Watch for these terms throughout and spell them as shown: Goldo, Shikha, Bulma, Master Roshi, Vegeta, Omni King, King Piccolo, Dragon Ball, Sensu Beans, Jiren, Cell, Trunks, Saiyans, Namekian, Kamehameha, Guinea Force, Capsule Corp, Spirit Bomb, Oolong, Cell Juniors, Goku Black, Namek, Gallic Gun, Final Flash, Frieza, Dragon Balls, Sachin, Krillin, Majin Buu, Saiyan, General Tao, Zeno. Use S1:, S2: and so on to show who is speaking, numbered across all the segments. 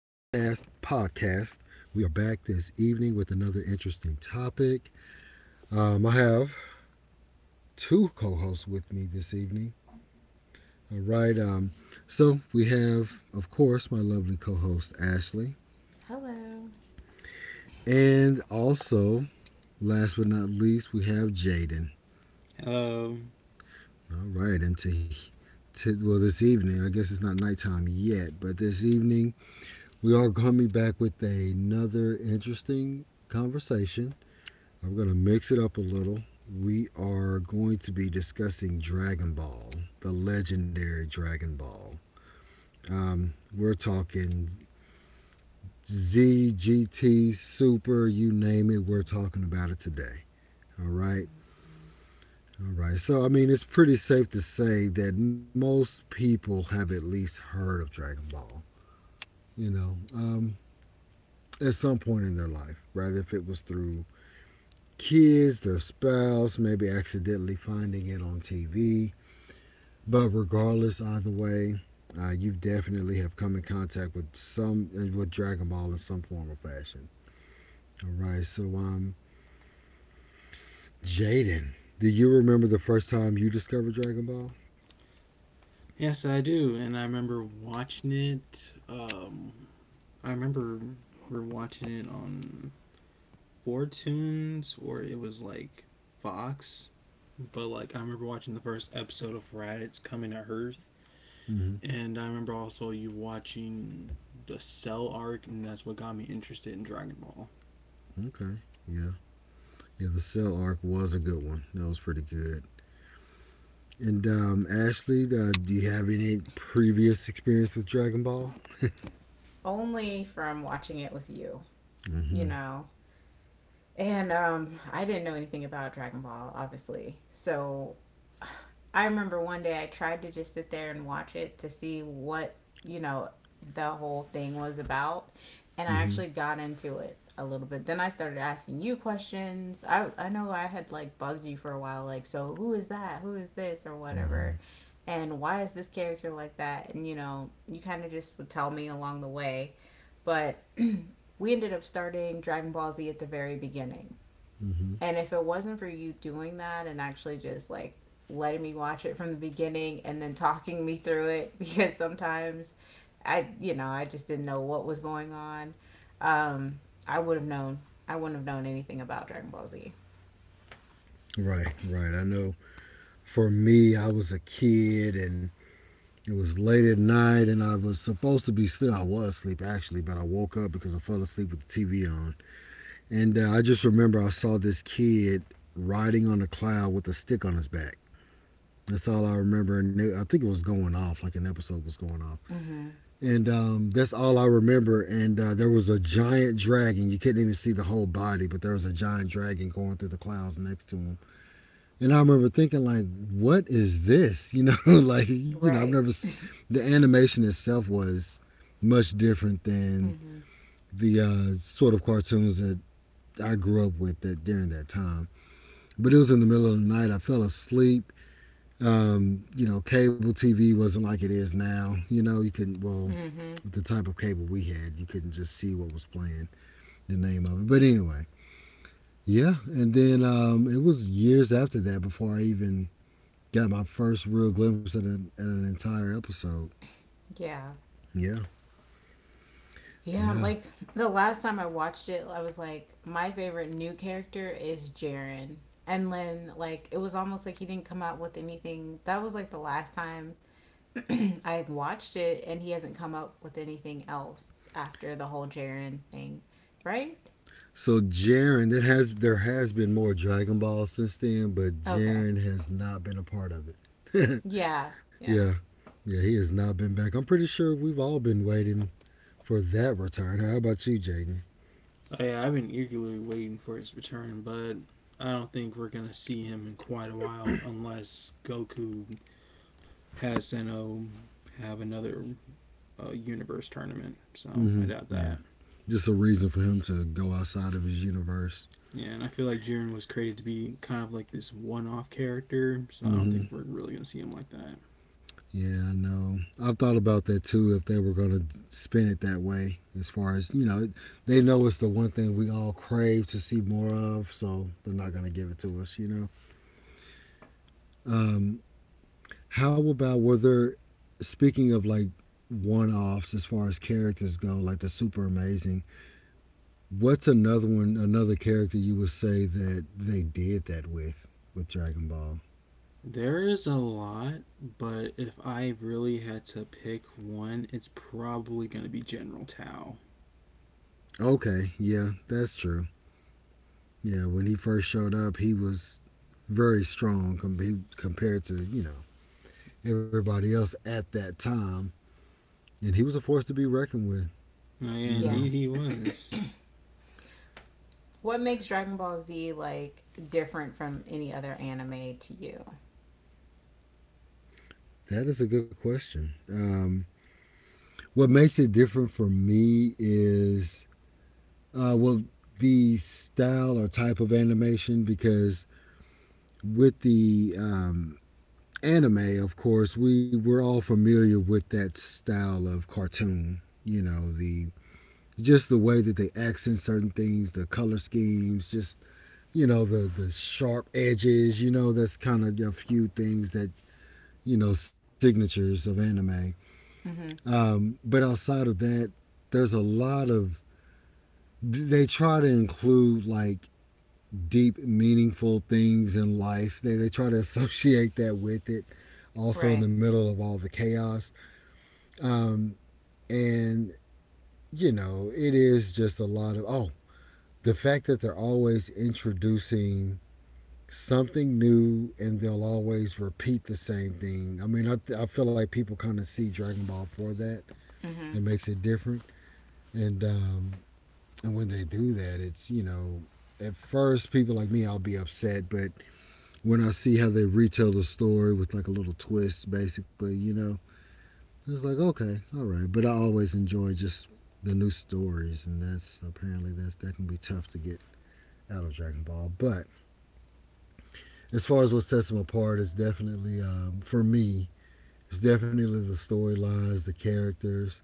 S1: podcast. We are back this evening with another interesting topic. I have two co hosts with me this evening. All right, um, so we have, of course, my lovely co host, Ashley.
S2: Hello.
S1: And also, last but not least, we have Jaden.
S3: Hello.
S1: All right, and well, this evening, I guess it's not nighttime yet, but this evening, we are coming back with another interesting conversation. I'm going to mix it up a little. We are going to be discussing Dragon Ball, the legendary Dragon Ball. We're talking ZGT, Super, you name it, we're talking about it today. All right. All right. So, I mean, it's pretty safe to say that most people have at least heard of Dragon Ball, you know, um, at some point in their life, rather if it was through kids, their spouse, maybe accidentally finding it on TV. But regardless, either way, you definitely have come in contact with some with Dragon Ball in some form or fashion. All right, so Jaden, do you remember the first time you discovered Dragon Ball?
S3: Yes, I do. And I remember watching it. I remember we are watching it on Four or it was like Fox. But like, I remember watching the first episode of Raditz coming to Earth.
S1: Mm-hmm.
S3: And I remember also you watching the Cell arc, and that's what got me interested in Dragon Ball.
S1: Okay, yeah, yeah. The Cell arc was a good one. That was pretty good. And Ashley, do you have any previous experience with Dragon Ball?
S2: Only from watching it with you, you
S1: Mm-hmm.
S2: know. And I didn't know anything about Dragon Ball, obviously. So I remember one day I tried to just sit there and watch it to see what you know the whole thing was about, and I
S1: Mm-hmm.
S2: actually got into it a little bit. Then I started asking you questions. I know I had like bugged you for a while, like so who is that? Who is this or
S1: Mm-hmm.
S2: whatever. And why is this character like that? And you know, you kind of just would tell me along the way. But we ended up starting Dragon Ball Z at the very beginning.
S1: Mm-hmm.
S2: And if it wasn't for you doing that and actually just like letting me watch it from the beginning and then talking me through it, because sometimes I just didn't know what was going on, um, I would have known. I wouldn't have known anything about Dragon Ball Z.
S1: Right, right. I know for me, I was a kid and it was late at night and I was supposed to be still. I was asleep actually, but I woke up because I fell asleep with the TV on. And I just remember I saw this kid riding on a cloud with a stick on his back. That's all I remember. And I think it was going off, like an episode was going off.
S2: Mm-hmm.
S1: And that's all I remember. And there was a giant dragon. You couldn't even see the whole body, but there was a giant dragon going through the clouds next to him. And I remember thinking, like, what is this? You know, like, you know, I've never,
S2: Right.
S1: the animation itself was much different than
S2: Mm-hmm.
S1: the sort of cartoons that I grew up with that during that time. But it was in the middle of the night. I fell asleep. You know, cable TV wasn't like it is now. You know, you couldn't, well,
S2: Mm-hmm.
S1: with the type of cable we had, you couldn't just see what was playing, the name of it. But anyway, yeah. And then it was years after that before I even got my first real glimpse at at an entire episode.
S2: Yeah.
S1: Yeah,
S2: Yeah,
S1: yeah.
S2: like the last time I watched it, I was like, my favorite new character is Jiren. And then, like, it was almost like he didn't come out with anything. That was like the last time I've watched it, and he hasn't come up with anything else after the whole Jaren thing, right?
S1: So Jaren, that has there has been more Dragon Ball since then, but
S2: Okay.
S1: Jaren has not been a part of it.
S2: Yeah.
S1: Yeah,
S2: Yeah.
S1: yeah, he has not been back. I'm pretty sure we've all been waiting for that return. How about you, Jaden?
S3: Oh, yeah, I've been eagerly waiting for his return, but I don't think we're gonna see him in quite a while unless Goku has Zeno have another universe tournament, so I doubt
S1: Mm-hmm. Yeah,
S3: that.
S1: just a reason for him to go outside of his universe.
S3: Yeah, and I feel like Jiren was created to be kind of like this one off character, so I don't
S1: Mm-hmm.
S3: think we're really going to see him like that.
S1: Yeah, I know. I've thought about that too. If they were going to spin it that way, as far as you know, they know it's the one thing we all crave to see more of, so they're not going to give it to us. You know. Um, how about were there? Speaking of like one-offs as far as characters go, like the super amazing. What's another one? Another character you would say that they did that with Dragon Ball?
S3: There is a lot, but if I really had to pick one, it's probably going to be General Tao.
S1: Okay, yeah, that's true. Yeah, when he first showed up, he was very compared to, you know, everybody else at that time. And he was a force to be reckoned with,
S3: Oh, yeah,
S1: you
S2: Yeah.
S3: indeed
S1: know.
S3: he was.
S2: What makes Dragon Ball Z like different from any other anime to you?
S1: That is a good question. What makes it different for me is, uh, well, the style or type of animation, because with the anime, of course, we were all familiar with that style of cartoon, you know, the just the way that they accent certain things, the color schemes, just the sharp edges. You know, that's kind of a few things that, you know, signatures of anime.
S2: Mm-hmm.
S1: But outside of that, there's a lot of, they try to include like deep, meaningful things in life. They try to associate that with it. Also in
S2: Right.
S1: the middle of all the chaos, um, and you know, it is just a lot of, oh, the fact that they're always introducing something new and they'll always repeat the same thing. I mean, I feel like people kind of see Dragon Ball for that.
S2: Mm-hmm.
S1: It makes it different. And um, and when they do that, it's, you know, at first people like me I'll be upset, but when I see how they retell the story with like a little twist basically, you know, it's like okay, all right, but I always enjoy just the new stories, and that's apparently that's, that can be tough to get out of Dragon Ball, but as far as what sets them apart is definitely, for me it's definitely the storylines, the characters,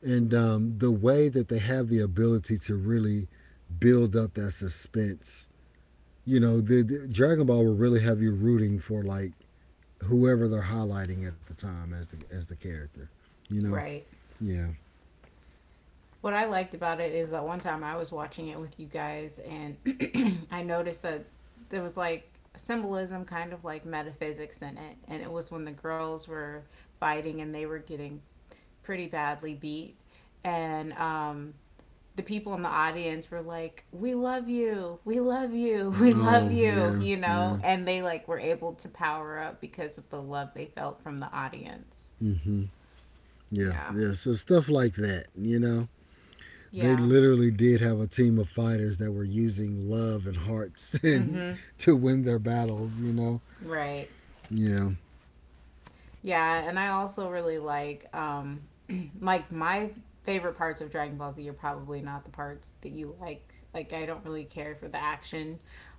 S1: and the way that they have the ability to really build up that suspense. You know, the dragon ball will really have you rooting for like whoever they're highlighting at the time as the character, you know.
S2: Right.
S1: Yeah.
S2: What I liked about it is that one time I was watching it with you guys, and I noticed that there was like symbolism, kind of like metaphysics in it. And it was when the girls were fighting and they were getting pretty badly beat, and the people in the audience were like, we love you, we love
S1: Oh
S2: you,"
S1: yeah.
S2: you
S1: Yeah.
S2: know, and they like were able to power up because of the love they felt from the audience.
S1: Mm-hmm. Yeah,
S2: Yeah,
S1: yeah, so stuff like that, you know, they
S2: yeah,
S1: literally did have a team of fighters that were using love and hearts and
S2: mm-hmm,
S1: to win their battles. You know.
S2: right.
S1: Yeah.
S2: Yeah, and I also really like like my favorite parts of Dragon Ball Z are probably not the parts that you like. Like I don't really care for the action,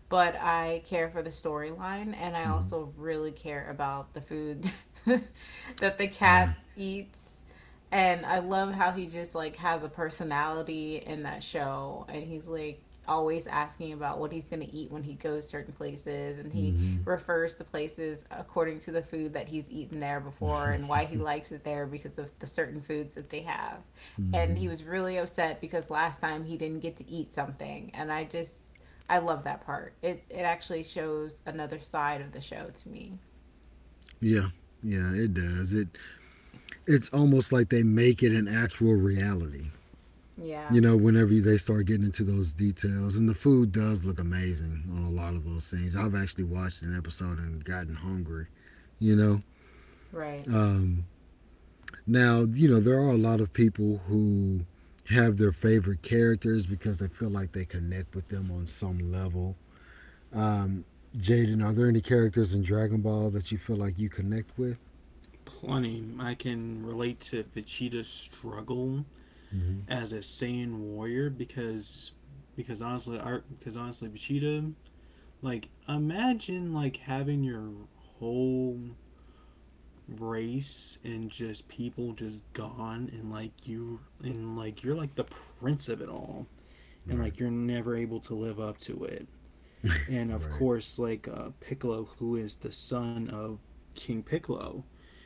S2: but I care for the storyline and I
S1: Mm-hmm.
S2: also really care about the food that the
S1: Yeah.
S2: cat eats, and I love how he just like has a personality in that show, and he's like always asking about what he's going to eat when he goes certain places, and he
S1: Mm-hmm.
S2: refers to places according to the food that he's eaten there before and why he likes it there because of the certain foods that they have, and
S1: Mm-hmm.
S2: he was really upset because last time he didn't get to eat something, and I love that part. It actually shows another side of the show to me.
S1: Yeah. Yeah, it does. It's almost like they make it an actual reality.
S2: Yeah.
S1: You know, whenever they start getting into those details, and the food does look amazing on a lot of those scenes. I've actually watched an episode and gotten hungry. You know.
S2: Right.
S1: Um, Now, you know, there are a lot of people who have their favorite characters because they feel like they connect with them on some level. Um, Jaden, are there any characters in Dragon Ball that you feel like you connect with?
S3: Plenty. I can relate to Vegeta's struggle
S1: Mm-hmm.
S3: as a Saiyan warrior because honestly, Vegeta, like, imagine like having your whole race and just people just gone, and like you're like the prince of it all, and
S1: Right,
S3: like you're never able to live up to it. And of
S1: right.
S3: course, like Piccolo, who is the son of King Piccolo,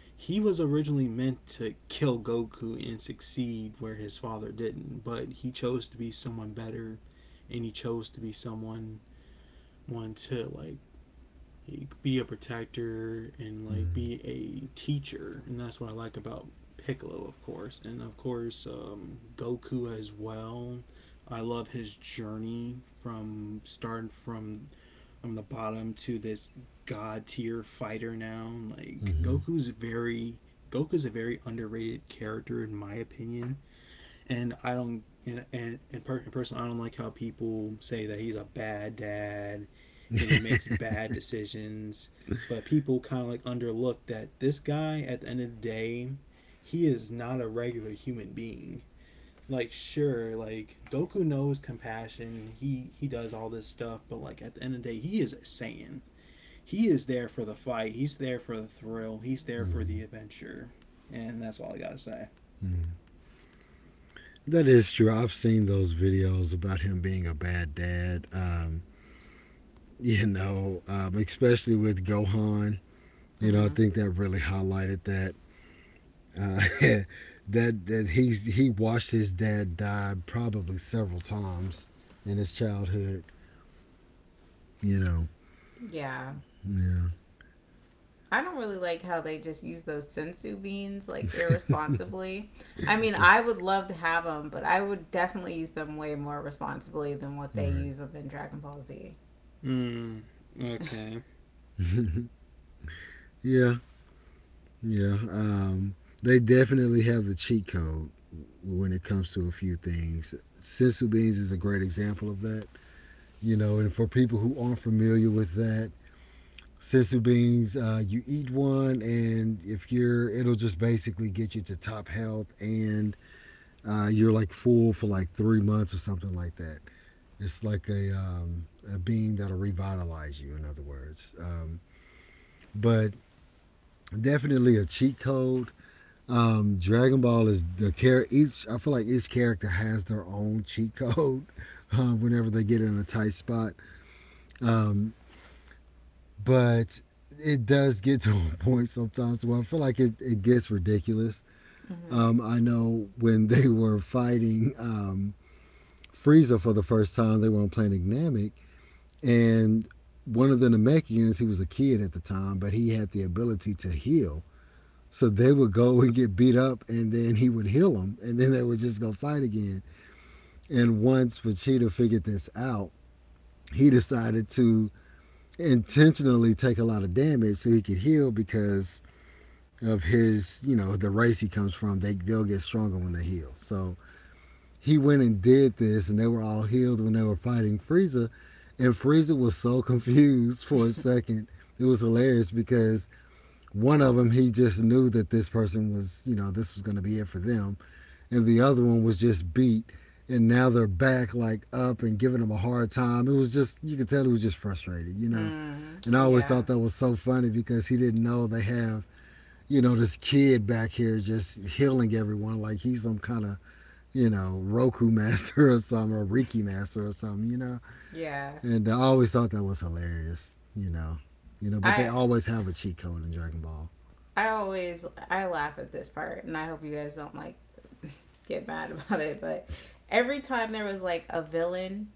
S3: he was originally meant to kill Goku and succeed where his father didn't, but he chose to be someone better, and he chose to be someone one to like be a protector and like
S1: Mm-hmm.
S3: be a teacher, and that's what I like about Piccolo, of course, and of course Goku as well. I love his journey from starting from the bottom to this god tier fighter now.
S1: Mm-hmm.
S3: Goku's a very underrated character in my opinion, and I don't and, per, and personally I don't like how people say that he's a bad dad and he makes bad decisions. But people kind of like underlook that this guy, at the end of the day, he is not a regular human being. Like sure, like Goku knows compassion. He does all this stuff, but like at the end of the day, he is a Saiyan. He is there for the fight. He's there for the thrill. He's there for
S1: Mm-hmm.
S3: the adventure, and that's all I gotta say.
S1: Mm-hmm. That is true. I've seen those videos about him being a bad dad. You know, especially with Gohan. You know, I
S2: Mm-hmm.
S1: think that really highlighted that. Uh, that he watched his dad die probably several times in his childhood. You know,
S2: Yeah,
S1: yeah,
S2: I don't really like how they just use those sensu beans like irresponsibly. I mean, I
S1: it's,
S2: would love to have them, but I would definitely use them way more responsibly than what they
S1: right.
S2: use them in Dragon Ball Z.
S3: Mm, okay.
S1: Yeah, yeah. They definitely have the cheat code when it comes to a few things. Sensu beans is a great example of that. You know, and for people who aren't familiar with that, sensu beans, you eat one, and if you're, it'll just basically get you to top health and you're like full for like three months or something like that. It's like a bean that'll revitalize you, in other words. But definitely a cheat code. Dragon Ball is the care each. I feel like each character has their own cheat code whenever they get in a tight spot. Um, but it does get to a point sometimes where I feel like it gets ridiculous.
S2: Mm-hmm.
S1: I know when they were fighting Frieza for the first time, they weren't playing Namek. And one of the Namekians, he was a kid at the time, but he had the ability to heal. So they would go and get beat up, and then he would heal them, and then they would just go fight again. And once Vegeta figured this out, he decided to intentionally take a lot of damage so he could heal because of his, you know, the race he comes from. They'll get stronger when they heal. So he went and did this, and they were all healed when they were fighting Frieza. And Frieza was so confused for a second. It was hilarious because one of them, he just knew that this person was, you know, this was going to be it for them. And the other one was just beat. And now they're back, like up and giving him a hard time. It was just, you could tell he was just frustrated, you know.
S2: Mm,
S1: And I always thought
S2: yeah,
S1: that was so funny because he didn't know they have, you know, this kid back here just healing everyone like he's some kind of, you know, Roku Master or something, or Reiki Master or something, you know?
S2: yeah.
S1: And I always thought that was hilarious, you know? You know, but they
S2: I
S1: always have a cheat code in Dragon Ball.
S2: I always I laugh at this part, and I hope you guys don't like get mad about it. But every time there was like a villain,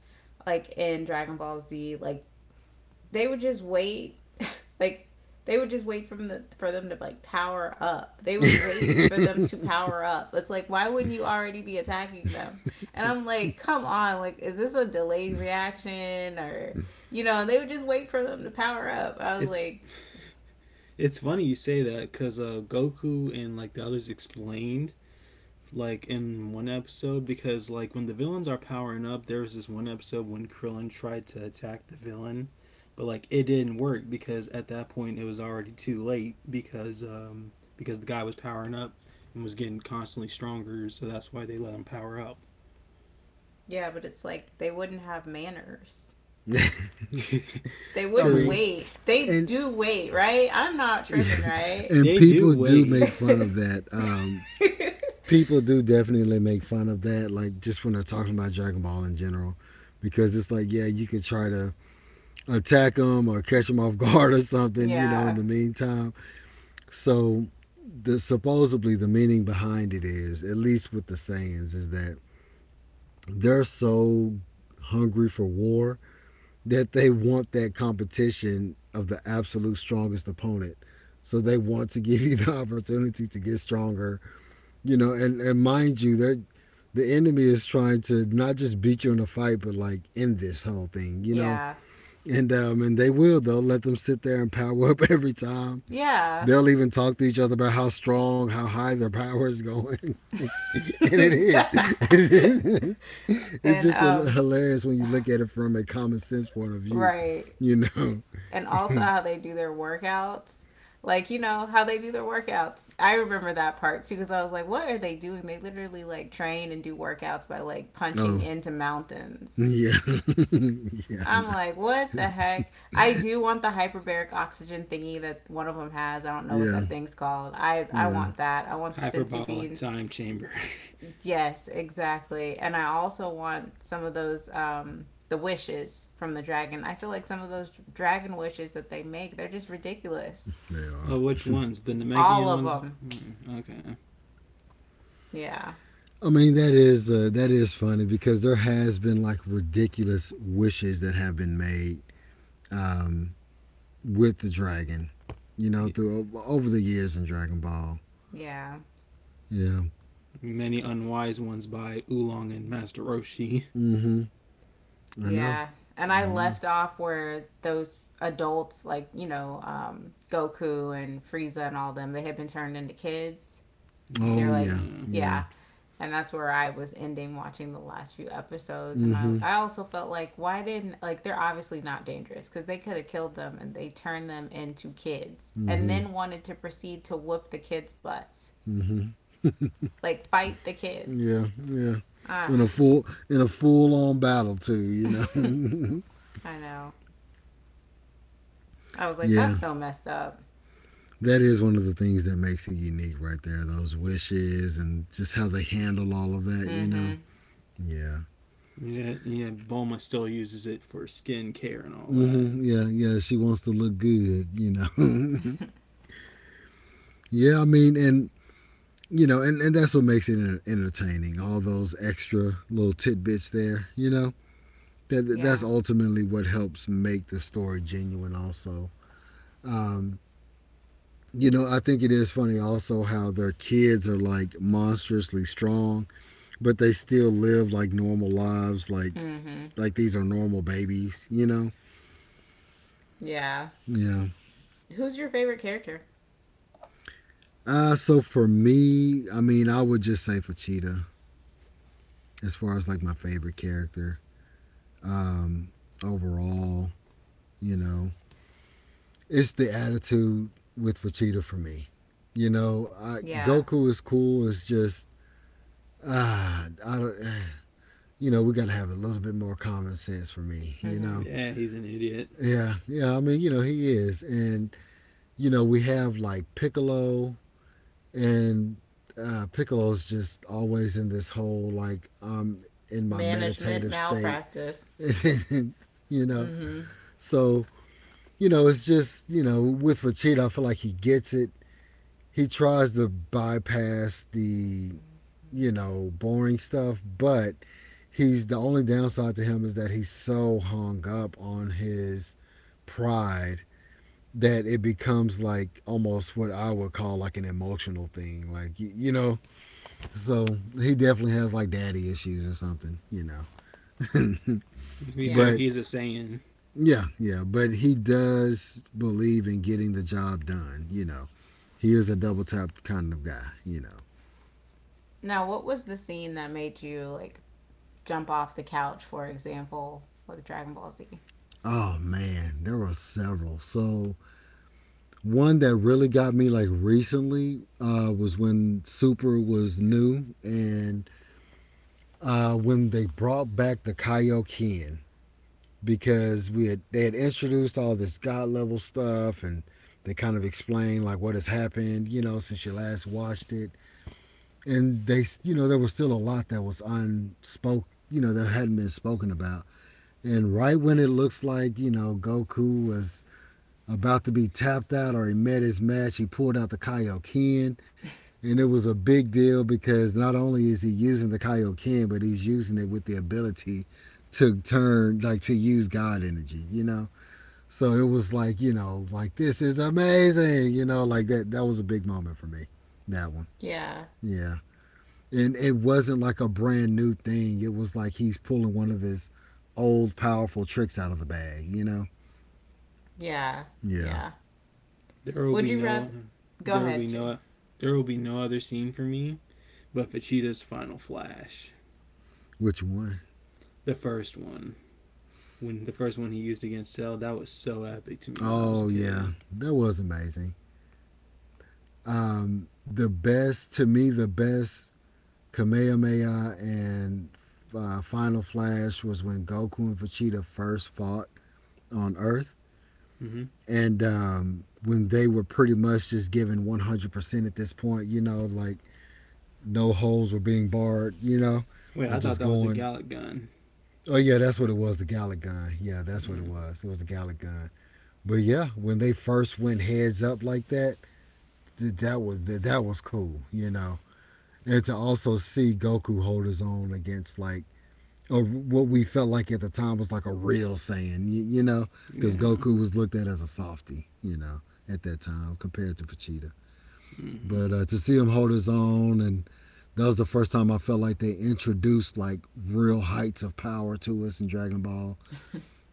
S2: like in Dragon Ball Z, like they would just wait like they would just wait from the for them to like power up. They would wait for them to power up. It's like why wouldn't you already be attacking them? And I'm like, come on, like is this a delayed reaction or you know? They would just wait for them to power up. I was
S3: It's
S2: like,
S3: it's funny you say that because Goku and like the others explain like in one episode because like when the villains are powering up, there was this one episode when Krillin tried to attack the villain, but like it didn't work because at that point it was already too late because the guy was powering up and was getting constantly stronger, so that's why they let him power up.
S2: yeah, but it's like they wouldn't have manners. They
S1: I
S2: wouldn't
S3: True.
S1: mean,
S2: wait. They
S1: and
S2: do wait, right? I'm not tripping, right?
S1: and
S3: They do
S1: people do make
S3: wait.
S1: fun of that. People do definitely make fun of that, like just when they're talking about Dragon Ball in general, because it's like, yeah, you could try to attack them or catch them off guard or something, you know, in
S2: Yeah,
S1: the meantime. So the supposedly the meaning behind it is, at least with the Saiyans, is that they're so hungry for war that they want that competition of the absolute strongest opponent. So they want to give you the opportunity to get stronger, you know. And mind you, the enemy is trying to not just beat you in a fight, but like end this whole thing, you know.
S2: yeah,
S1: And they will. They'll let them sit there and power up every time.
S2: yeah.
S1: They'll even talk to each other about how strong, how high their power is going. And it is. It's
S2: and
S1: just hilarious when you look at it from a common sense point of view,
S2: right.
S1: you know.
S2: And also how they do their workouts, like you know how they do their workouts. I remember that part too because I was like, what are they doing? They literally like train and do workouts by like punching
S1: Oh,
S2: into mountains.
S1: yeah. Yeah,
S2: I'm like, what the heck. I do want the hyperbaric oxygen thingy that one of them has. I don't know what
S1: yeah,
S2: that thing's called. I
S1: yeah.
S2: want that. I want the sensu
S3: Hyperbolic
S2: beans.
S3: time chamber.
S2: Yes, exactly. And I also want some of those the wishes from the dragon. I feel like some of those dragon wishes that they make, they're just ridiculous.
S1: They are.
S3: Well, which ones? The
S2: All
S3: Namekian
S2: of
S3: ones?
S2: them.
S3: Hmm, okay.
S2: Yeah.
S1: I mean that is funny because there has been like ridiculous wishes that have been made um, with the dragon, you know, through over the years in Dragon Ball.
S2: Yeah.
S1: Yeah.
S3: Many unwise ones by Oolong and Master Roshi.
S1: Mm-hmm. I know.
S2: Yeah. And I
S1: I know.
S2: left off where those adults like, you know, Goku and Frieza and all them, they had been turned into kids.
S3: Oh,
S1: Oh
S2: They're like,
S1: yeah,
S3: yeah.
S1: yeah.
S2: yeah. And that's where I was ending watching the last few episodes. And I,
S1: Mm-hmm.
S2: I also felt like, why didn't, like, they're obviously not dangerous because they could have killed them, and they turned them into kids and
S1: Mm-hmm.
S2: then wanted to proceed to whoop the kids' butts.
S1: Mm-hmm.
S2: Like, fight the kids.
S1: Yeah, yeah.
S2: Ah,
S1: In a full on battle too, you know.
S2: I know. I was like,
S1: yeah.
S2: that's so messed up.
S1: That is one of the things that makes it unique right there, those wishes and just how they handle all of that, you
S2: Mm hmm.
S1: know. Yeah.
S3: Yeah, yeah, Bulma still uses it for skin care and all that.
S1: Mm-hmm. Yeah, yeah. She wants to look good, you know. Yeah, I mean, and you know, and that's what makes it entertaining. All those extra little tidbits there, you know. That's
S2: Yeah.
S1: ultimately what helps make the story genuine also, um, you know, I think it is funny also how their kids are like monstrously strong, but they still live like normal lives, like
S2: Mm hmm.
S1: like these are normal babies, you know.
S2: Yeah.
S1: Yeah.
S2: Who's your favorite character?
S1: So for me, I mean I would just say for, as far as like my favorite character, um, overall, you know, it's the attitude with Vegeta for me. You know, I,
S2: Yeah.
S1: Goku is cool. It's just I don't, you know, we got to have a little bit more common sense for me,
S2: Mm
S1: you
S2: hmm.
S1: know?
S3: Yeah, he's an idiot.
S1: Yeah, yeah. I mean, you know, he is. And, you know, we have like Piccolo, and Piccolo's just always in this whole like, I'm in my
S2: Management
S1: meditative state,
S2: malpractice.
S1: you know?
S2: Mm hmm.
S1: So, you know, it's just, you know, with Vegeta, I feel like he gets it. He tries to bypass the, you know, boring stuff, but he's the only downside to him is that he's so hung up on his pride that it becomes like almost what I would call like an emotional thing, like you know. So he definitely has like daddy issues or something, you know.
S3: To be fair,
S2: Yeah.
S1: But
S3: he's a Saiyan.
S1: yeah, yeah, but he does believe in getting the job done, you know. He is a double tap kind of guy, you know.
S2: Now, what was the scene that made you like jump off the couch, for example, with Dragon Ball Z?
S1: Oh man, there were several. So one that really got me like recently was when Super was new, and when they brought back the Kaioken, because we had they had introduced all this god level stuff, and they kind of explained like what has happened, you know, since you last watched it, and they, you know, there was still a lot that was unspoken, you know, that hadn't been spoken about. And right when it looks like, you know, Goku was about to be tapped out or he met his match, he pulled out the Kaioken. And it was a big deal because not only is he using the Kaioken, but he's using it with the ability to turn, like to use God energy, you know? So it was like, you know, like this is amazing, you know, like that. That was a big moment for me, that one.
S2: Yeah,
S1: Yeah. And it wasn't like a brand new thing. It was like he's pulling one of his old powerful tricks out of the bag, you know?
S2: yeah,
S1: Yeah.
S2: yeah.
S3: There will be
S2: Would you
S3: no,
S2: rather? Go
S3: there will be
S2: ahead, Shane.
S3: no, there will be no other scene for me but Vegeta's final flash,
S1: Which one?
S3: the first one. When the first one he used against Cell, that was so epic to me when I was a
S1: Oh, yeah.
S3: kid.
S1: That was amazing. The best, to me, the best Kamehameha and Final Flash was when Goku and Vegeta first fought on Earth.
S3: Hmm.
S1: And when they were pretty much just given 100% at this point, you know, like no holes were being barred, you know,
S3: Wait,
S1: they're
S3: I thought
S1: just
S3: that was a
S1: going.
S3: Gallic gun.
S1: Oh, yeah, that's what it was, the Gallic Gun. Yeah, that's what it
S3: Yeah,
S1: was. It was the Gallic Gun. But yeah, when they first went heads up like that, that was cool, you know. And to also see Goku hold his own against like, or what we felt like at the time was like a real saying, you know, because
S2: Mm-hmm.
S3: yeah,
S1: Goku was looked at as a softie, you know, at that time compared to Vegeta.
S3: hmm,
S1: But to see him hold his own, and that was the first time I felt like they introduced like real heights of power to us in Dragon Ball,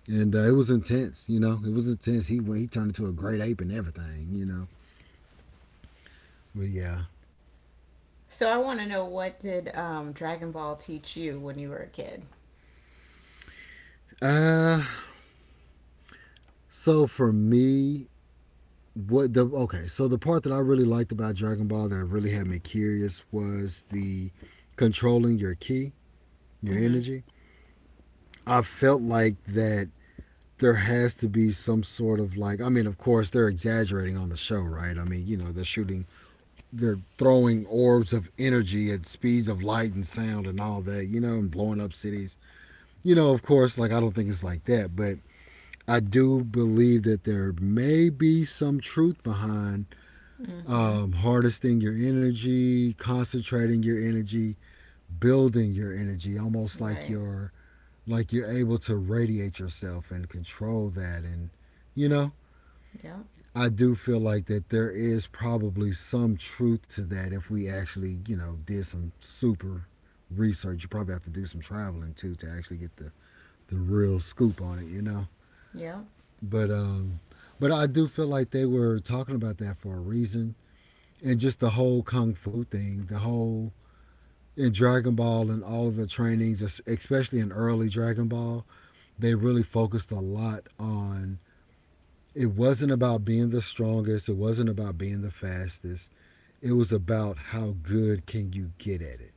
S1: and it was intense, you know, it was intense. He turned into a great ape and everything, you know. But yeah.
S2: So I want to know, what did Dragon Ball teach you when you were a kid?
S1: Uh so for me, what the okay so the part that I really liked about Dragon Ball that really had me curious was the controlling your ki, your
S2: Mm-hmm.
S1: energy. I felt like that there has to be some sort of like, I mean of course they're exaggerating on the show, right? I mean, you know, they're throwing orbs of energy at speeds of light and sound and all that, you know, and blowing up cities, you know. Of course, like, I don't think it's like that, but I do believe that there may be some truth behind,
S2: Mm-hmm.
S1: harvesting your energy, concentrating your energy, building your energy, almost
S2: Right.
S1: like you're able to radiate yourself and control that. And you know,
S2: Yep.
S1: I do feel like that there is probably some truth to that if we actually, you know, did some super research. You probably have to do some traveling too to actually get the real scoop on it. You know,
S2: Yep.
S1: but um, but I do feel like they were talking about that for a reason. And just the whole kung fu thing, the whole in Dragon Ball and all of the trainings, especially in early Dragon Ball, they really focused a lot on, it wasn't about being the strongest, it wasn't about being the fastest. It was about how good can you get at it.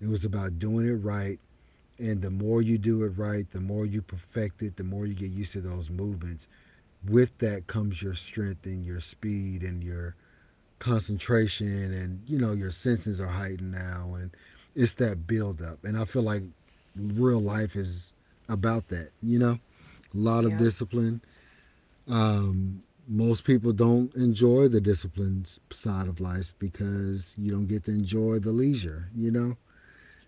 S1: It was about doing it right. And the more you do it right, the more you perfect it, the more you get used to those movements. With that comes your strength and your speed and your concentration, and you know your senses are heightened now, and it's that buildup. And I feel like real life is about that, you know, a lot of
S2: Yep.
S1: discipline. Most people don't enjoy the discipline side of life because you don't get to enjoy the leisure, you know.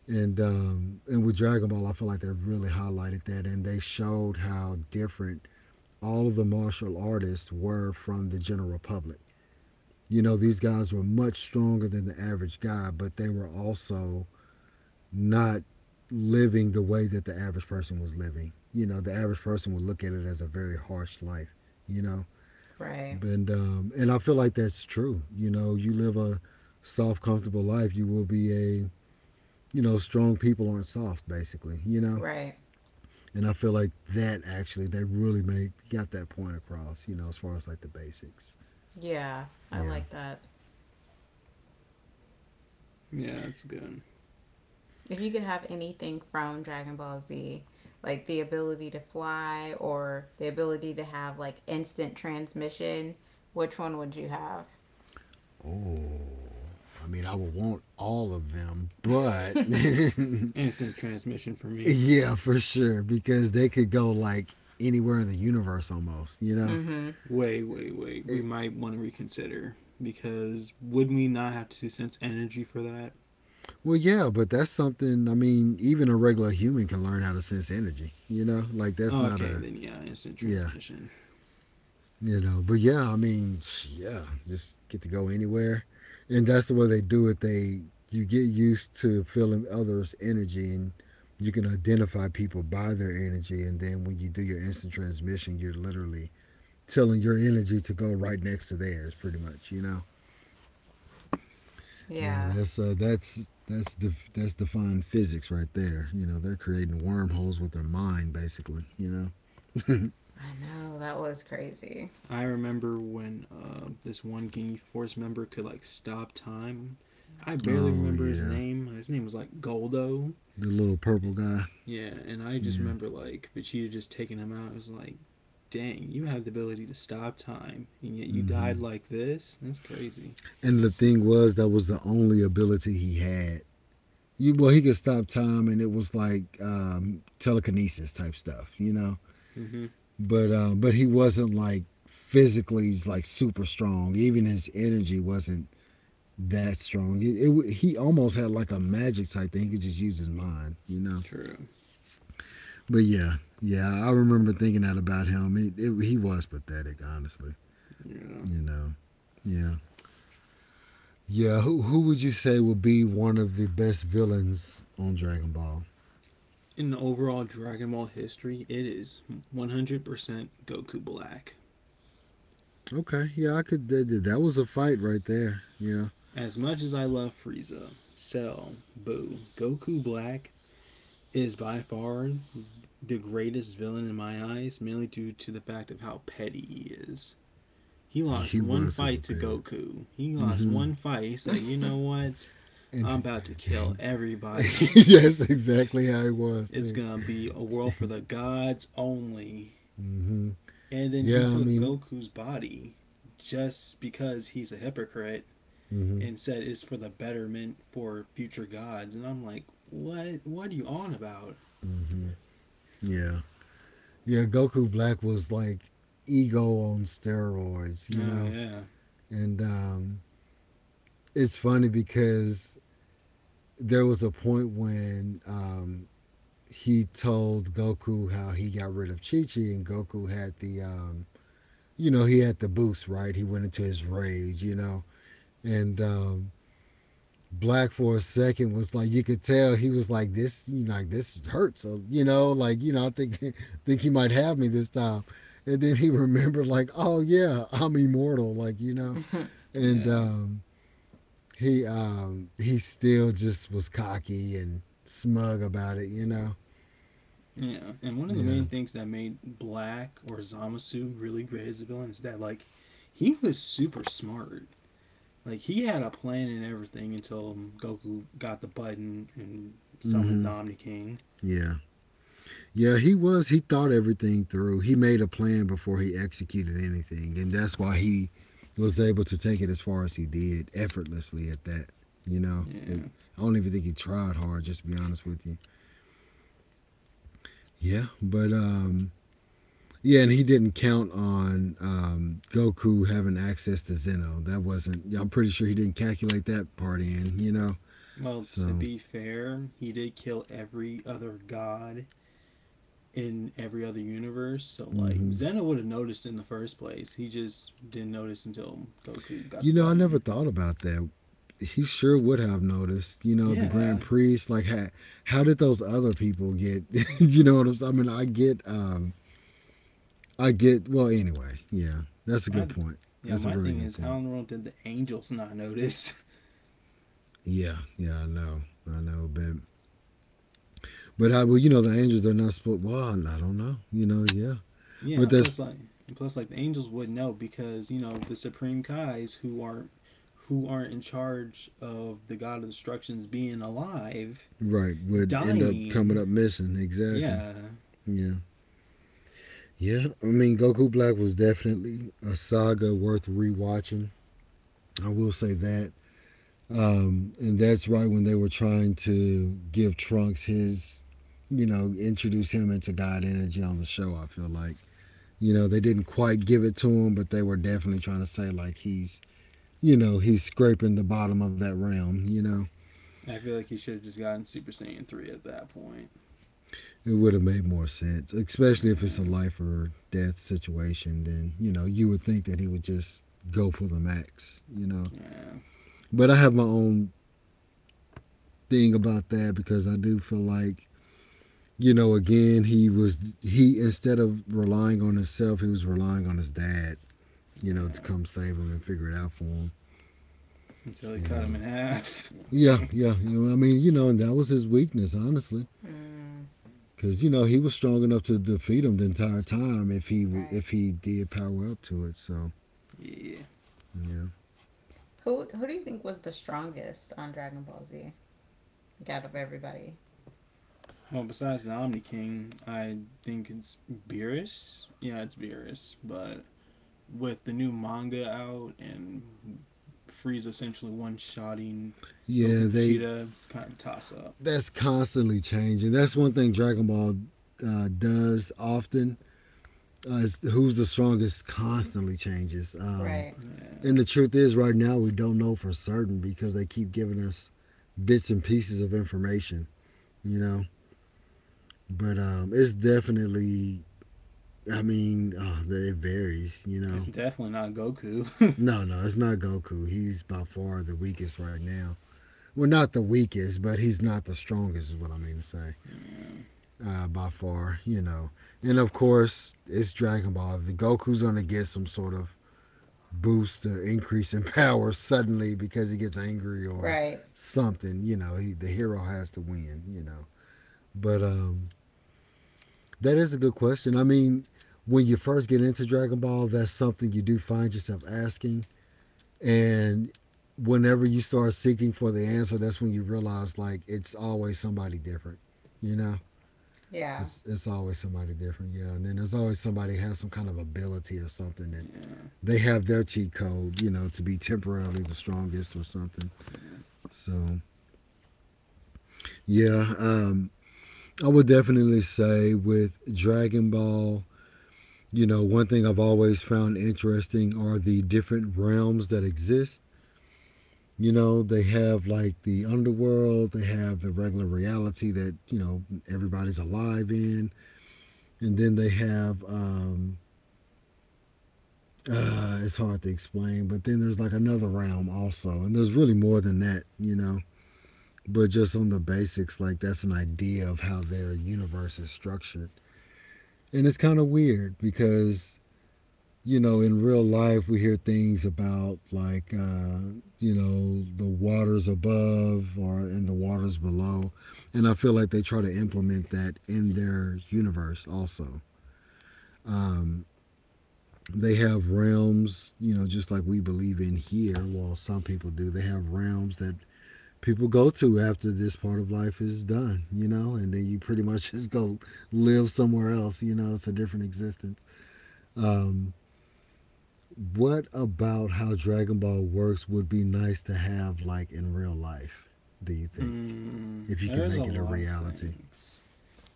S1: And and with Dragon Ball I feel like they really highlighted that, and they showed how different all of the martial artists were from the general public. You know, these guys were much stronger than the average guy, but they were also not living the way that the average person was living. You know, the average person would look at it as a very harsh life, you know.
S2: Right.
S1: And I feel like that's true. You know, you live a soft, comfortable life, you will be a, you know, strong people aren't soft basically, you know?
S2: Right.
S1: And I feel like that actually they really made got that point across, you know, as far as like the basics.
S2: Yeah. I
S1: Yeah.
S2: like that.
S3: yeah, that's good.
S2: If you could have anything from Dragon Ball Z, like the ability to fly or the ability to have like instant transmission, which one would you have?
S1: Oh, I mean, I would want all of them, but
S3: Instant transmission for me.
S1: yeah, for sure, because they could go like anywhere in the universe almost, you know?
S2: Mm-hmm.
S3: Wait. We
S1: It,
S3: might want to reconsider because would we not have to sense energy for that?
S1: well, yeah, but that's something, I mean, even a regular human can learn how to sense energy, you know? Like, that's not
S3: Okay,
S1: a,
S3: then yeah, instant
S1: yeah,
S3: transmission.
S1: you know, but yeah I mean, yeah, just get to go anywhere. And that's the way they do it. They You get used to feeling others energy, and you can identify people by their energy, and then when you do your instant transmission you're literally telling your energy to go right next to theirs pretty much, you know. Yeah,
S2: Yeah,
S1: that's that's defined physics right there, you know, they're creating wormholes with their mind basically, you know.
S2: I know that was crazy.
S3: I remember when this one Guinea Force member could like stop time. I barely
S1: Oh
S3: remember his
S1: yeah,
S3: name. His name was like Goldo.
S1: the little purple guy.
S3: Yeah, and I just
S1: Yeah.
S3: remember like Vegeta just taking him out. It was like, dang, you have the ability to stop time, and yet you died
S1: Mm-hmm.
S3: like this. That's crazy.
S1: And the thing was, that was the only ability he had. Well, he could stop time, and it was like telekinesis type stuff, you know.
S3: Mm-hmm.
S1: But he wasn't like physically like super strong. Even his energy wasn't that strong. It He almost had like a magic type thing. He could just use his mind, you know.
S3: True.
S1: But yeah, yeah, I remember thinking that about him. He was pathetic, honestly.
S3: Yeah.
S1: You know, yeah, yeah. Who would you say would be one of the best villains on Dragon Ball?
S3: In overall Dragon Ball history, it is 100% Goku Black.
S1: Okay, yeah, I could. Was a fight right there. Yeah,
S3: As much as I love Frieza, Cell, Boo, Goku Black is by far the greatest villain in my eyes, mainly due to the fact of how petty he is. He lost
S1: he
S3: one
S1: was super
S3: fight to
S1: petty.
S3: Goku. He lost
S1: Mm-hmm.
S3: one fight. He said, "You know what? I'm
S1: And
S3: about to kill everybody."
S1: yes, exactly how he was
S3: It's
S1: too.
S3: gonna be a world for the gods only.
S1: Mm-hmm.
S3: And then he
S1: Yeah, I
S3: took
S1: mean.
S3: Goku's body just because he's a hypocrite
S1: Mm-hmm.
S3: and said it's for the betterment for future gods. And I'm like, what? What are you on about?
S1: Mm-hmm. Yeah, yeah. Goku Black was like ego on steroids, you
S3: Oh,
S1: know.
S3: yeah.
S1: And It's funny because there was a point when he told Goku how he got rid of Chi Chi, and Goku had the he had the boost, right? He went into his rage, you know, and Black for a second was like, you could tell he was like, this hurts, I think think he might have me this time, and then he remembered like, oh yeah, I'm immortal, like you know,
S2: Mm,
S1: and
S3: Yeah.
S1: he still just was cocky and smug about it, you know,
S3: Yeah. And one of the
S1: yeah,
S3: main things that made Black or Zamasu really great as a villain is that, like, he was super smart. Like, he had a plan and everything until Goku got the button and summoned
S1: mm-hmm.
S3: Dominic King.
S1: Yeah. Yeah, he was. He thought everything through. He made a plan before he executed anything, and that's why he was able to take it as far as he did, effortlessly at that. You know, it,
S3: Yeah.
S1: I don't even think he tried hard, just to be honest with you. Yeah, but um, yeah, and he didn't count on Goku having access to Zeno. That wasn't. Yeah, I'm pretty sure he didn't calculate that part in, you know,
S3: Well, to
S1: so.
S3: be fair, he did kill every other god in every other universe. So, like,
S1: Hmm.
S3: Zeno would have noticed in the first place. He just didn't notice until Goku got
S1: You
S3: the
S1: know, I never
S3: button.
S1: thought about that. He sure would have noticed. You know, the Grand
S3: Yeah,
S1: Prix. Like, how did those other people get? You know what I'm saying? I mean, I get, I get. Well, anyway, yeah, that's a good
S3: my
S1: point.
S3: yeah,
S1: That's a
S3: my
S1: very
S3: thing
S1: good
S3: is how
S1: point.
S3: in the world did the angels not notice?
S1: Yeah, yeah, I know, but I well, you know, the Angels they're not supposed. Well, I don't know. You know, yeah,
S3: Yeah,
S1: but
S3: and
S1: that's
S3: plus like and plus like the angels would know because you know the supreme kais who are in charge of the god of destructions being alive,
S1: right. Would end up coming
S3: dying.
S1: up missing exactly.
S3: Yeah,
S1: Yeah. Yeah, I mean, Goku Black was definitely a saga worth rewatching. I will say that. And that's right when they were trying to give Trunks his, you know, introduce him into God energy on the show. I feel like, you know, they didn't quite give it to him, but they were definitely trying to say like he's, you know, he's scraping the bottom of that realm. You know,
S3: I feel like he should have just gotten Super Saiyan 3 at that point.
S1: it would have made more sense, especially if it's a
S3: Yeah,
S1: life or death situation. Then you know, you would think that he would just go for the max. You know,
S3: yeah,
S1: but I have my own thing about that because I do feel like you know, again, he instead of relying on himself, he was relying on his dad, you know, to
S3: yeah.
S1: come save him and figure it out for him,
S3: Until he
S1: you
S3: cut him
S1: know.
S3: in half.
S1: Yeah, yeah. You know, I mean, you know, and that was his weakness, honestly, because you know he was strong enough to defeat him the entire time if
S2: right.
S1: he did power up to it. So
S3: Yeah.
S1: yeah,
S2: Who do you think was the strongest on Dragon Ball Z? Like out of everybody.
S3: Well, besides the Omni King, I think it's Beerus. Yeah, it's Beerus. But with the new manga out and Frieza essentially one shotting Goku
S1: yeah.
S3: and
S1: They
S3: Vegeta, it's kind of a toss up.
S1: that's constantly changing. That's one thing Dragon Ball does often is who's the strongest constantly changes.
S2: Right.
S3: Yeah.
S1: And the truth is, right now, we don't know for certain because they keep giving us bits and pieces of information, you know? But It's definitely, I mean, oh, it varies, you
S3: It's
S1: know?
S3: definitely not Goku.
S1: No, no, it's not Goku. He's by far the weakest right now. Well, not the weakest, but he's not the strongest, is what I mean to say.
S3: Yeah,
S1: By far, you know. And of course, it's Dragon Ball. The Goku's going to get some sort of boost or increase in power suddenly because he gets angry or
S2: Right.
S1: something. You know, he, the hero has to win. You know, but That is a good question. I mean, when you first get into Dragon Ball, that's something you do find yourself asking, and whenever you start seeking for the answer, that's when you realize like it's always somebody different. You know,
S2: Yeah.
S1: it's always somebody different. Yeah, and then there's always somebody who has some kind of ability or something that
S3: yeah,
S1: they have their cheat code, you know, to be temporarily the strongest or something.
S3: yeah.
S1: So yeah, I would definitely say with Dragon Ball, you know, one thing I've always found interesting are the different realms that exist. You know, they have like the underworld, they have the regular reality that, you know, everybody's alive in, and then they have, it's hard to explain, but then there's like another realm also, and there's really more than that, you know. But just on the basics, like that's an idea of how their universe is structured. And it's kind of weird because, you know, in real life, we hear things about like, you know, the waters above or and the waters below. And I feel like they try to implement that in their universe also. Um, they have realms, you know, just like we believe in here. Well, some people do. They have realms that people go to after this part of life is done, you know, and then you pretty much just go live somewhere else, you know, it's a different existence. Um, what about how Dragon Ball works would be nice to have like in real life, do you think?
S3: Mm,
S1: If you can
S3: there's a
S1: make it a
S3: lot of
S1: reality.
S3: things.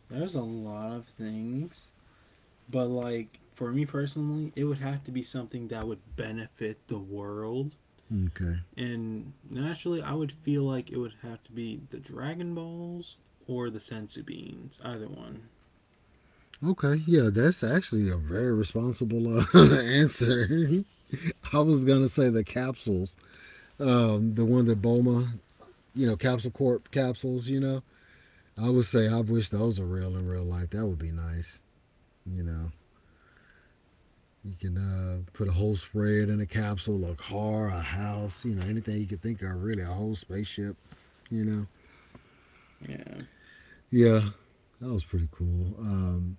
S3: There's a lot of things, but like for me personally, it would have to be something that would benefit the world.
S1: Okay.
S3: And naturally, I would feel like it would have to be the Dragon Balls or the Sensu Beans, either one.
S1: Okay. Yeah, that's actually a very responsible answer. I was going to say the capsules, the one that Bulma, you know, Capsule Corp capsules, you know, I would say I wish those were real in real life. That would be nice. You know, you can put a whole spread in a capsule, a car, a house, you know, anything you could think of, really, a whole spaceship, you know.
S3: Yeah.
S1: Yeah, that was pretty cool.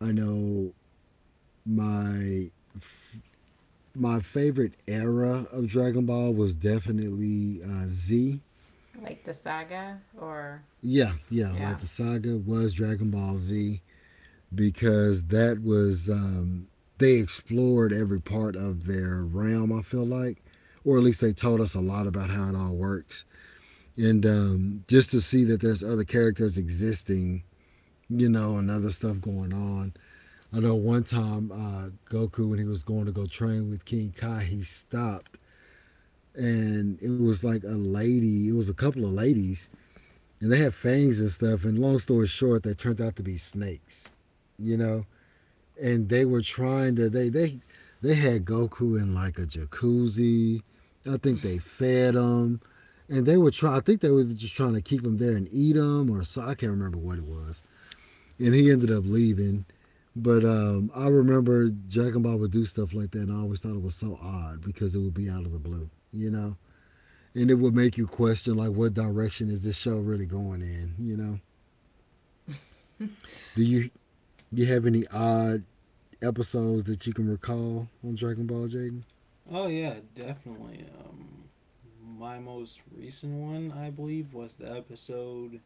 S1: I know my my favorite era of Dragon Ball was definitely Z.
S2: Like the saga or
S1: Yeah, yeah, like
S2: yeah.
S1: the saga was Dragon Ball Z. Because that was they explored every part of their realm. I feel like, or at least they told us a lot about how it all works, and just to see that there's other characters existing, you know, and other stuff going on. I know one time Goku when he was going to go train with King Kai, he stopped. And it was like a lady, it was a couple of ladies, and they had fangs and stuff. And long story short, they turned out to be snakes, you know? And they were trying to they had Goku in like a jacuzzi. I think they fed him, and they were trying. I think they were just trying to keep him there and eat him, or so I can't remember what it was. And he ended up leaving. But I remember Dragon Ball would do stuff like that, and I always thought it was so odd because it would be out of the blue, you know, and it would make you question like, what direction is this show really going in, you know? Do you You have any odd episodes that you can recall on Dragon Ball, Jaden?
S3: Oh yeah, definitely. My most recent one, I believe, was the episode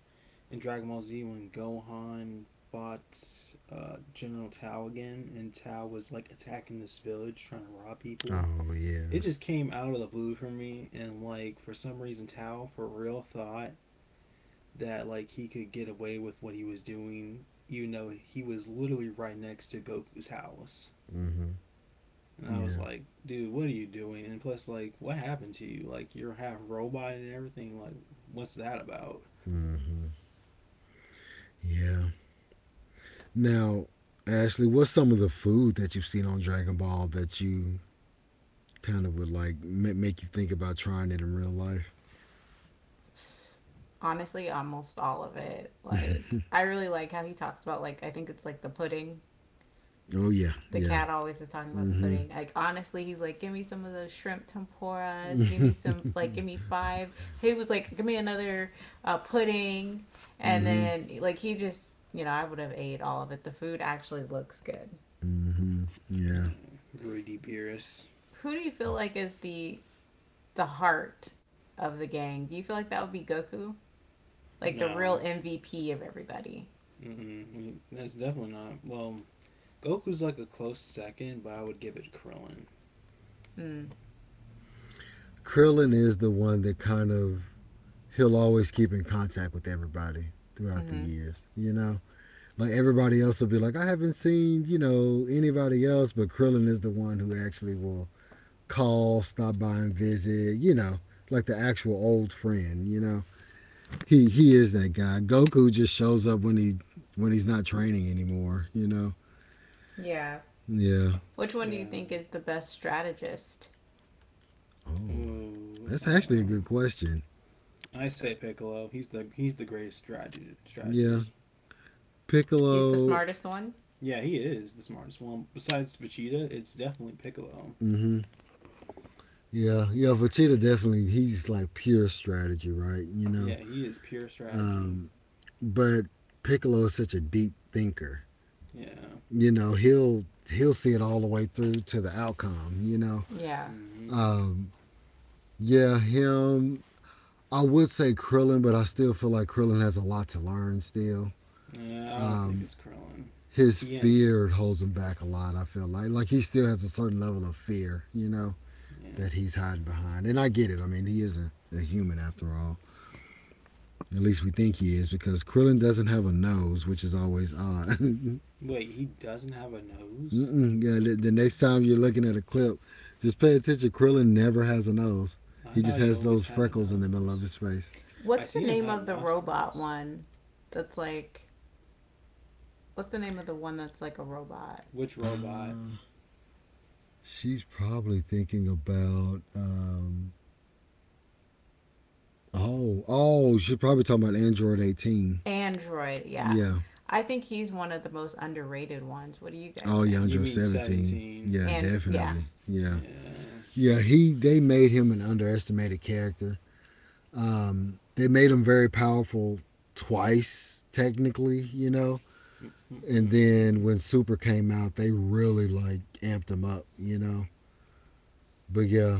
S3: in Dragon Ball Z when Gohan fought General Tao again, and Tao was like attacking this village trying to rob people.
S1: Oh
S3: It
S1: yeah.
S3: just came out of the blue for me and like for some reason Tao for real thought that like he could get away with what he was doing even though he was literally right next to Goku's house.
S1: Mhm.
S3: And I was
S1: Yeah.
S3: like, dude, what are you doing? And plus like what happened to you? Like you're half robot and everything. Like what's that about?
S1: Mhm. Yeah. Now, Ashley, what's some of the food that you've seen on Dragon Ball that you kind of would like ma- make you think about trying it in real life?
S2: Honestly almost all of it. Like I really like how he talks about like I think it's like the pudding.
S1: Oh yeah.
S2: The
S1: Yeah.
S2: cat always is talking about the
S1: Mhm.
S2: pudding. Like honestly, he's like, give me some of those shrimp tempuras. Give me some like give me five. He was like, give me another pudding. And
S1: Mhm.
S2: then like he just you know I would have ate all of it. The food actually looks good.
S1: Mhm. Yeah.
S3: Greedy Beerus.
S2: Who do you feel like is the heart of the gang? Do you feel like that would be Goku? Like the real
S3: No.
S2: MVP of everybody.
S3: Mm-mm. That's definitely not. Well, Goku's like a close second, but I would give it to Krillin.
S2: Mm.
S1: Krillin is the one that kind of he'll always keep in contact with everybody throughout the
S2: Mm-hmm.
S1: years. You know, like everybody else will be like, I haven't seen you know anybody else, but Krillin is the one who actually will call, stop by and visit, you know, like the actual old friend, you know. He is that guy. Goku just shows up when he when he's not training anymore, you know.
S2: Yeah.
S1: Yeah.
S2: Which one do you
S3: Yeah.
S2: think is the best strategist?
S3: Oh,
S1: Oh, that's actually a good question.
S3: I say Piccolo. He's the he's the greatest strateg-
S1: Yeah.
S3: strategist.
S2: He's the
S1: Piccolo,
S2: smartest one.
S3: Yeah, he is the smartest one. Besides Vegeta, it's definitely Piccolo.
S1: mhm. Yeah, yeah, Vegeta definitely he's like pure strategy, right? You know.
S3: Yeah, he is pure strategy.
S1: Um but Piccolo is such a deep thinker.
S3: Yeah.
S1: You know, he'll see it all the way through to the outcome, you know.
S2: Yeah.
S3: Mm-hmm.
S1: Um Yeah, him. I would say Krillin, but I still feel like Krillin has a lot to learn still.
S3: Yeah, I don't think
S1: Um,
S3: it's Krillin.
S1: his
S3: Tien.
S1: fear holds him back a lot. I feel like he still has a certain level of fear, you know,
S3: Yeah.
S1: that he's hiding behind. And I get it. I mean, he is a human after all. At least we think he is because Krillin doesn't have a nose, which is always odd.
S3: Wait, he doesn't have a nose?
S1: Mm-mm. Yeah, the next time you're looking at a clip, just pay attention. Krillin never has a nose.
S3: I
S1: He
S3: thought
S1: just
S3: he
S1: has
S3: always
S1: those
S3: had a
S1: freckles in the middle of
S3: nose.
S1: his face.
S3: I
S2: What's the
S3: seen him
S2: name
S3: have
S2: of the robot
S3: nostrils.
S2: one that's like what's the name of the one that's like a robot
S3: Which robot?
S1: Uh, She's probably thinking about oh she's probably talking about Android 18.
S2: Android, yeah.
S1: Yeah.
S2: I think he's one of the most underrated ones. What do you
S1: Oh
S2: guys
S1: yeah,
S2: think?
S3: You
S1: Android
S3: mean
S1: 17.
S3: 17.
S1: Yeah,
S2: And yeah,
S1: definitely. Yeah.
S3: Yeah.
S1: Yeah, he they made him an underestimated character. They made him very powerful twice technically, you know. And
S3: Mm-mm-mm.
S1: then when Super came out, they really like amped him up, you know. But yeah,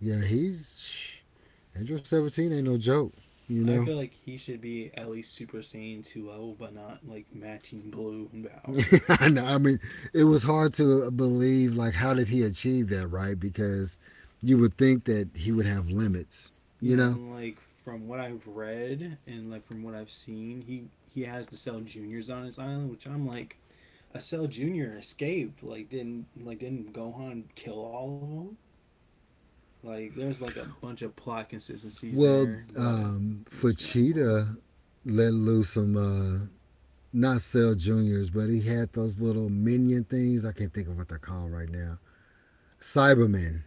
S1: yeah, he's Android 17 ain't no joke, you
S3: I
S1: know.
S3: feel like he should be at least Super Saiyan 2 level, but not like matching blue in power.
S1: I know. I mean, it was hard to believe. Like, how did he achieve that, right? Because you would think that he would have limits, you
S3: Yeah,
S1: know.
S3: and like from what I've read and like from what I've seen, he has the Cell Juniors on his island, which I'm like, a Cell Junior escaped. Like didn't Gohan kill all of them? Like there's like a bunch of plot consistencies
S1: Well,
S3: there, but it was Dragon Ball.
S1: Fachita let loose some not cell juniors, but he had those little minion things. I can't think of what they're called right now. Cybermen.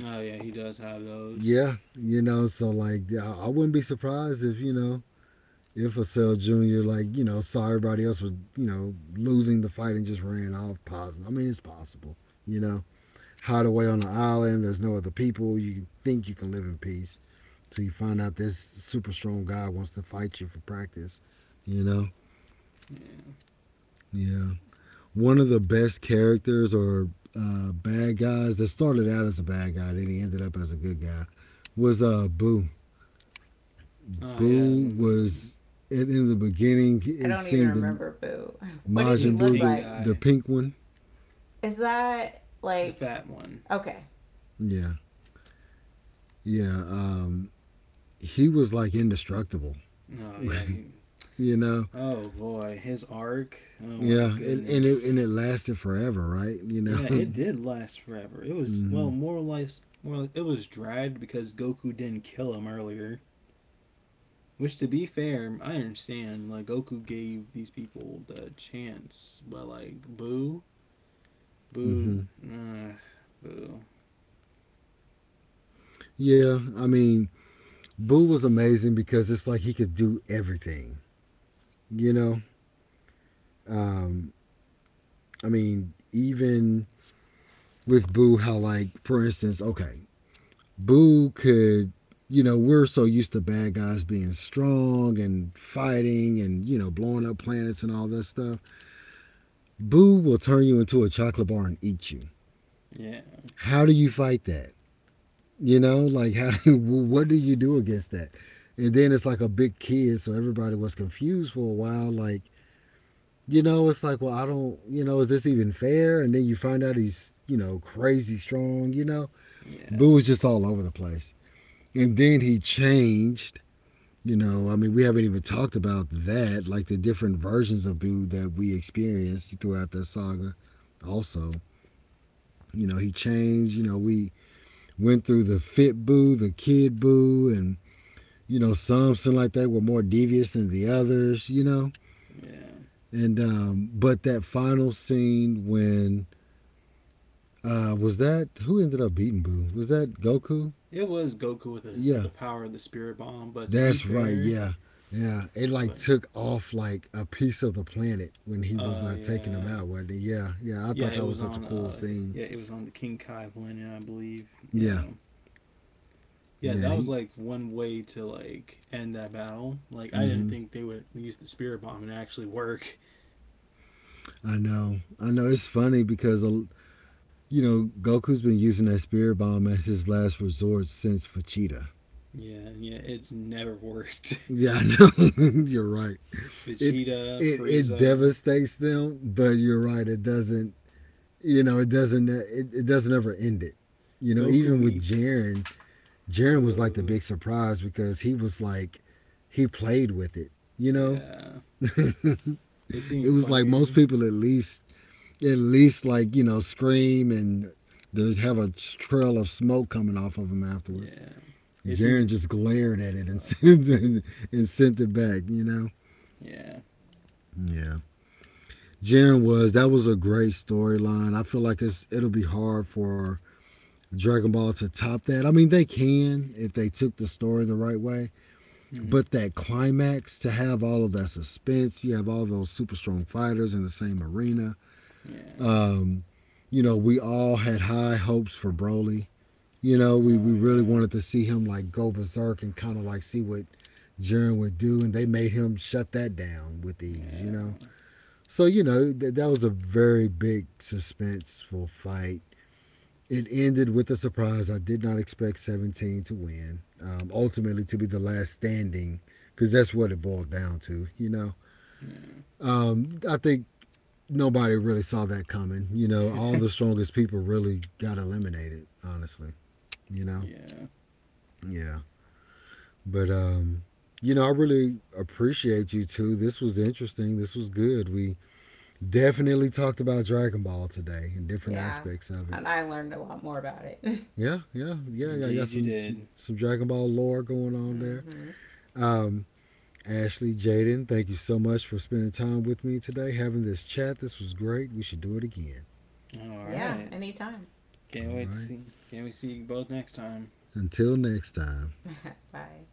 S3: Oh yeah, he does have those.
S1: Yeah, you know. So like, I wouldn't be surprised if, you know, Infocell Jr., like, you know, saw everybody else was, you know, losing the fight and just ran off positive. I mean, it's possible, you know. Hide away on an island, there's no other people. You think you can live in peace till you find out this super strong guy wants to fight you for practice, you know?
S3: Yeah.
S1: Yeah. One of the best characters or bad guys that started out as a bad guy, then he ended up as a good guy, was Boo.
S3: Oh yeah,
S1: Boo
S3: and boom.
S1: was in the beginning,
S2: I
S1: it
S2: don't even
S1: seemed
S2: remember Boo. What does he
S3: He's
S1: Majin
S3: the
S2: look
S1: Buu,
S3: pink
S1: the
S2: like?
S1: the
S3: guy,
S1: pink one.
S2: Is that
S3: the
S2: like
S3: fat one.
S2: okay.
S1: Yeah, yeah. He was like indestructible.
S3: Oh yeah, he,
S1: You know.
S3: oh boy, his arc. Oh my
S1: Yeah, and it
S3: goodness.
S1: and it lasted forever, right? You know.
S3: Yeah, it did last forever. It was, well,
S1: hmm
S3: more or less, more or less, it was dragged because Goku didn't kill him earlier. Which, to be fair, I understand. Like Goku gave these people the chance, but like Boo, Boo,
S1: hmm
S3: uh, Boo.
S1: Yeah, I mean, Buu was amazing because it's like he could do everything. You know. Um, I mean, even with Buu, how like for instance, okay, Boo could, you know, we're so used to bad guys being strong and fighting and, you know, blowing up planets and all that stuff. Boo will turn you into a chocolate bar and eat you.
S3: Yeah,
S1: How do you fight that? You know, like how do you, what do you do against that? And then it's like a big kid, so everybody was confused for a while. Like, you know, it's like, well, I don't, you know, is this even fair? And then you find out he's, you know, crazy strong, you know? Boo
S3: yeah,
S1: was just all over the place. And then he changed. You know, I mean, we haven't even talked about that, like the different versions of Boo that we experienced throughout that saga. Also, you know, he changed. You know, we went through the fit Boo, the kid Boo, and you know, some seem like that were more devious than the others. You know,
S3: yeah.
S1: and but that final scene when, was that who ended up beating Boo? Was that Goku?
S3: It was Goku with
S1: Yeah,
S3: the power of the Spirit Bomb. But to be
S1: that's right.
S3: fair,
S1: Yeah. Yeah. It like
S3: but
S1: took off like a piece of the planet when he was
S3: oh
S1: taking him
S3: yeah,
S1: out, wasn't it? Yeah. Yeah. I
S3: yeah,
S1: thought
S3: it
S1: that
S3: was
S1: was such a
S3: on.
S1: cool scene.
S3: Yeah, it was on the King Kai planet, I believe. Yeah,
S1: Yeah.
S3: yeah,
S1: Yeah. And
S3: that was
S1: he,
S3: like one way to like end that battle. Like, I didn't
S1: hmm.
S3: think they would use the spirit bomb and actually work.
S1: I know. I know. It's funny because, you know, Goku's been using that spirit bomb as his last resort since Vegeta.
S3: Yeah, yeah, it's never worked.
S1: Yeah. I know. You're right. It,
S3: Vegeta,
S1: it
S3: Frieza,
S1: devastates them, but you're right. It doesn't, you know, it doesn't, it doesn't ever end it. You know, even
S3: Goku.
S1: with
S3: E-
S1: Jiren. Jaron was like the
S3: uh,
S1: big surprise because he was like he played with it, you know?
S3: yeah,
S1: It
S3: it's even
S1: was like most
S3: funnier.
S1: people at least, at least like, you know, scream and they have a trail of smoke coming off of them afterwards.
S3: Yeah, it's
S1: Jaron
S3: even.
S1: just glared at it and
S3: Ugh,
S1: and sent it back, you know?
S3: yeah.
S1: Yeah. Jaren was that was a great storyline. I feel like it'll be hard for Dragon Ball to top that. I mean, they can if they took the story the right way.
S3: Hmm.
S1: But that climax to have all of that suspense, you have all those super strong fighters in the same arena.
S3: Yeah.
S1: Um, you know, we all had high hopes for Broly. You know, we
S3: Oh
S1: really
S3: yeah.
S1: wanted to see him like go berserk and kind of like see what Jiren would do, and they made him shut that down with ease, you know?
S3: Yeah.
S1: So, you know, that was a very big suspenseful fight. It ended with a surprise. I did not expect 17 to win, ultimately, to be the last standing, because that's what it boiled down to, you know.
S3: Yeah.
S1: I think nobody really saw that coming. You know, all the strongest people really got eliminated, honestly, you know.
S3: Yeah.
S1: Yeah. But, you know, I really appreciate you too. This was interesting. This was good. We definitely talked about Dragon Ball today and different
S2: Yeah.
S1: aspects of it.
S2: And I learned a lot more about it.
S1: Yeah, yeah, yeah. I got
S3: Indeed, you
S1: some some,
S3: did.
S1: some Dragon Ball lore going on there.
S2: Mm-hmm.
S1: Um, Ashley, Jaden, thank you so much for spending time with me today, having this chat. This was great. We should do it again.
S3: All
S2: Yeah,
S3: right.
S2: anytime.
S1: All
S3: Can't wait to
S1: right.
S3: see. Can't we see you both next time?
S1: Until next time.
S2: Bye.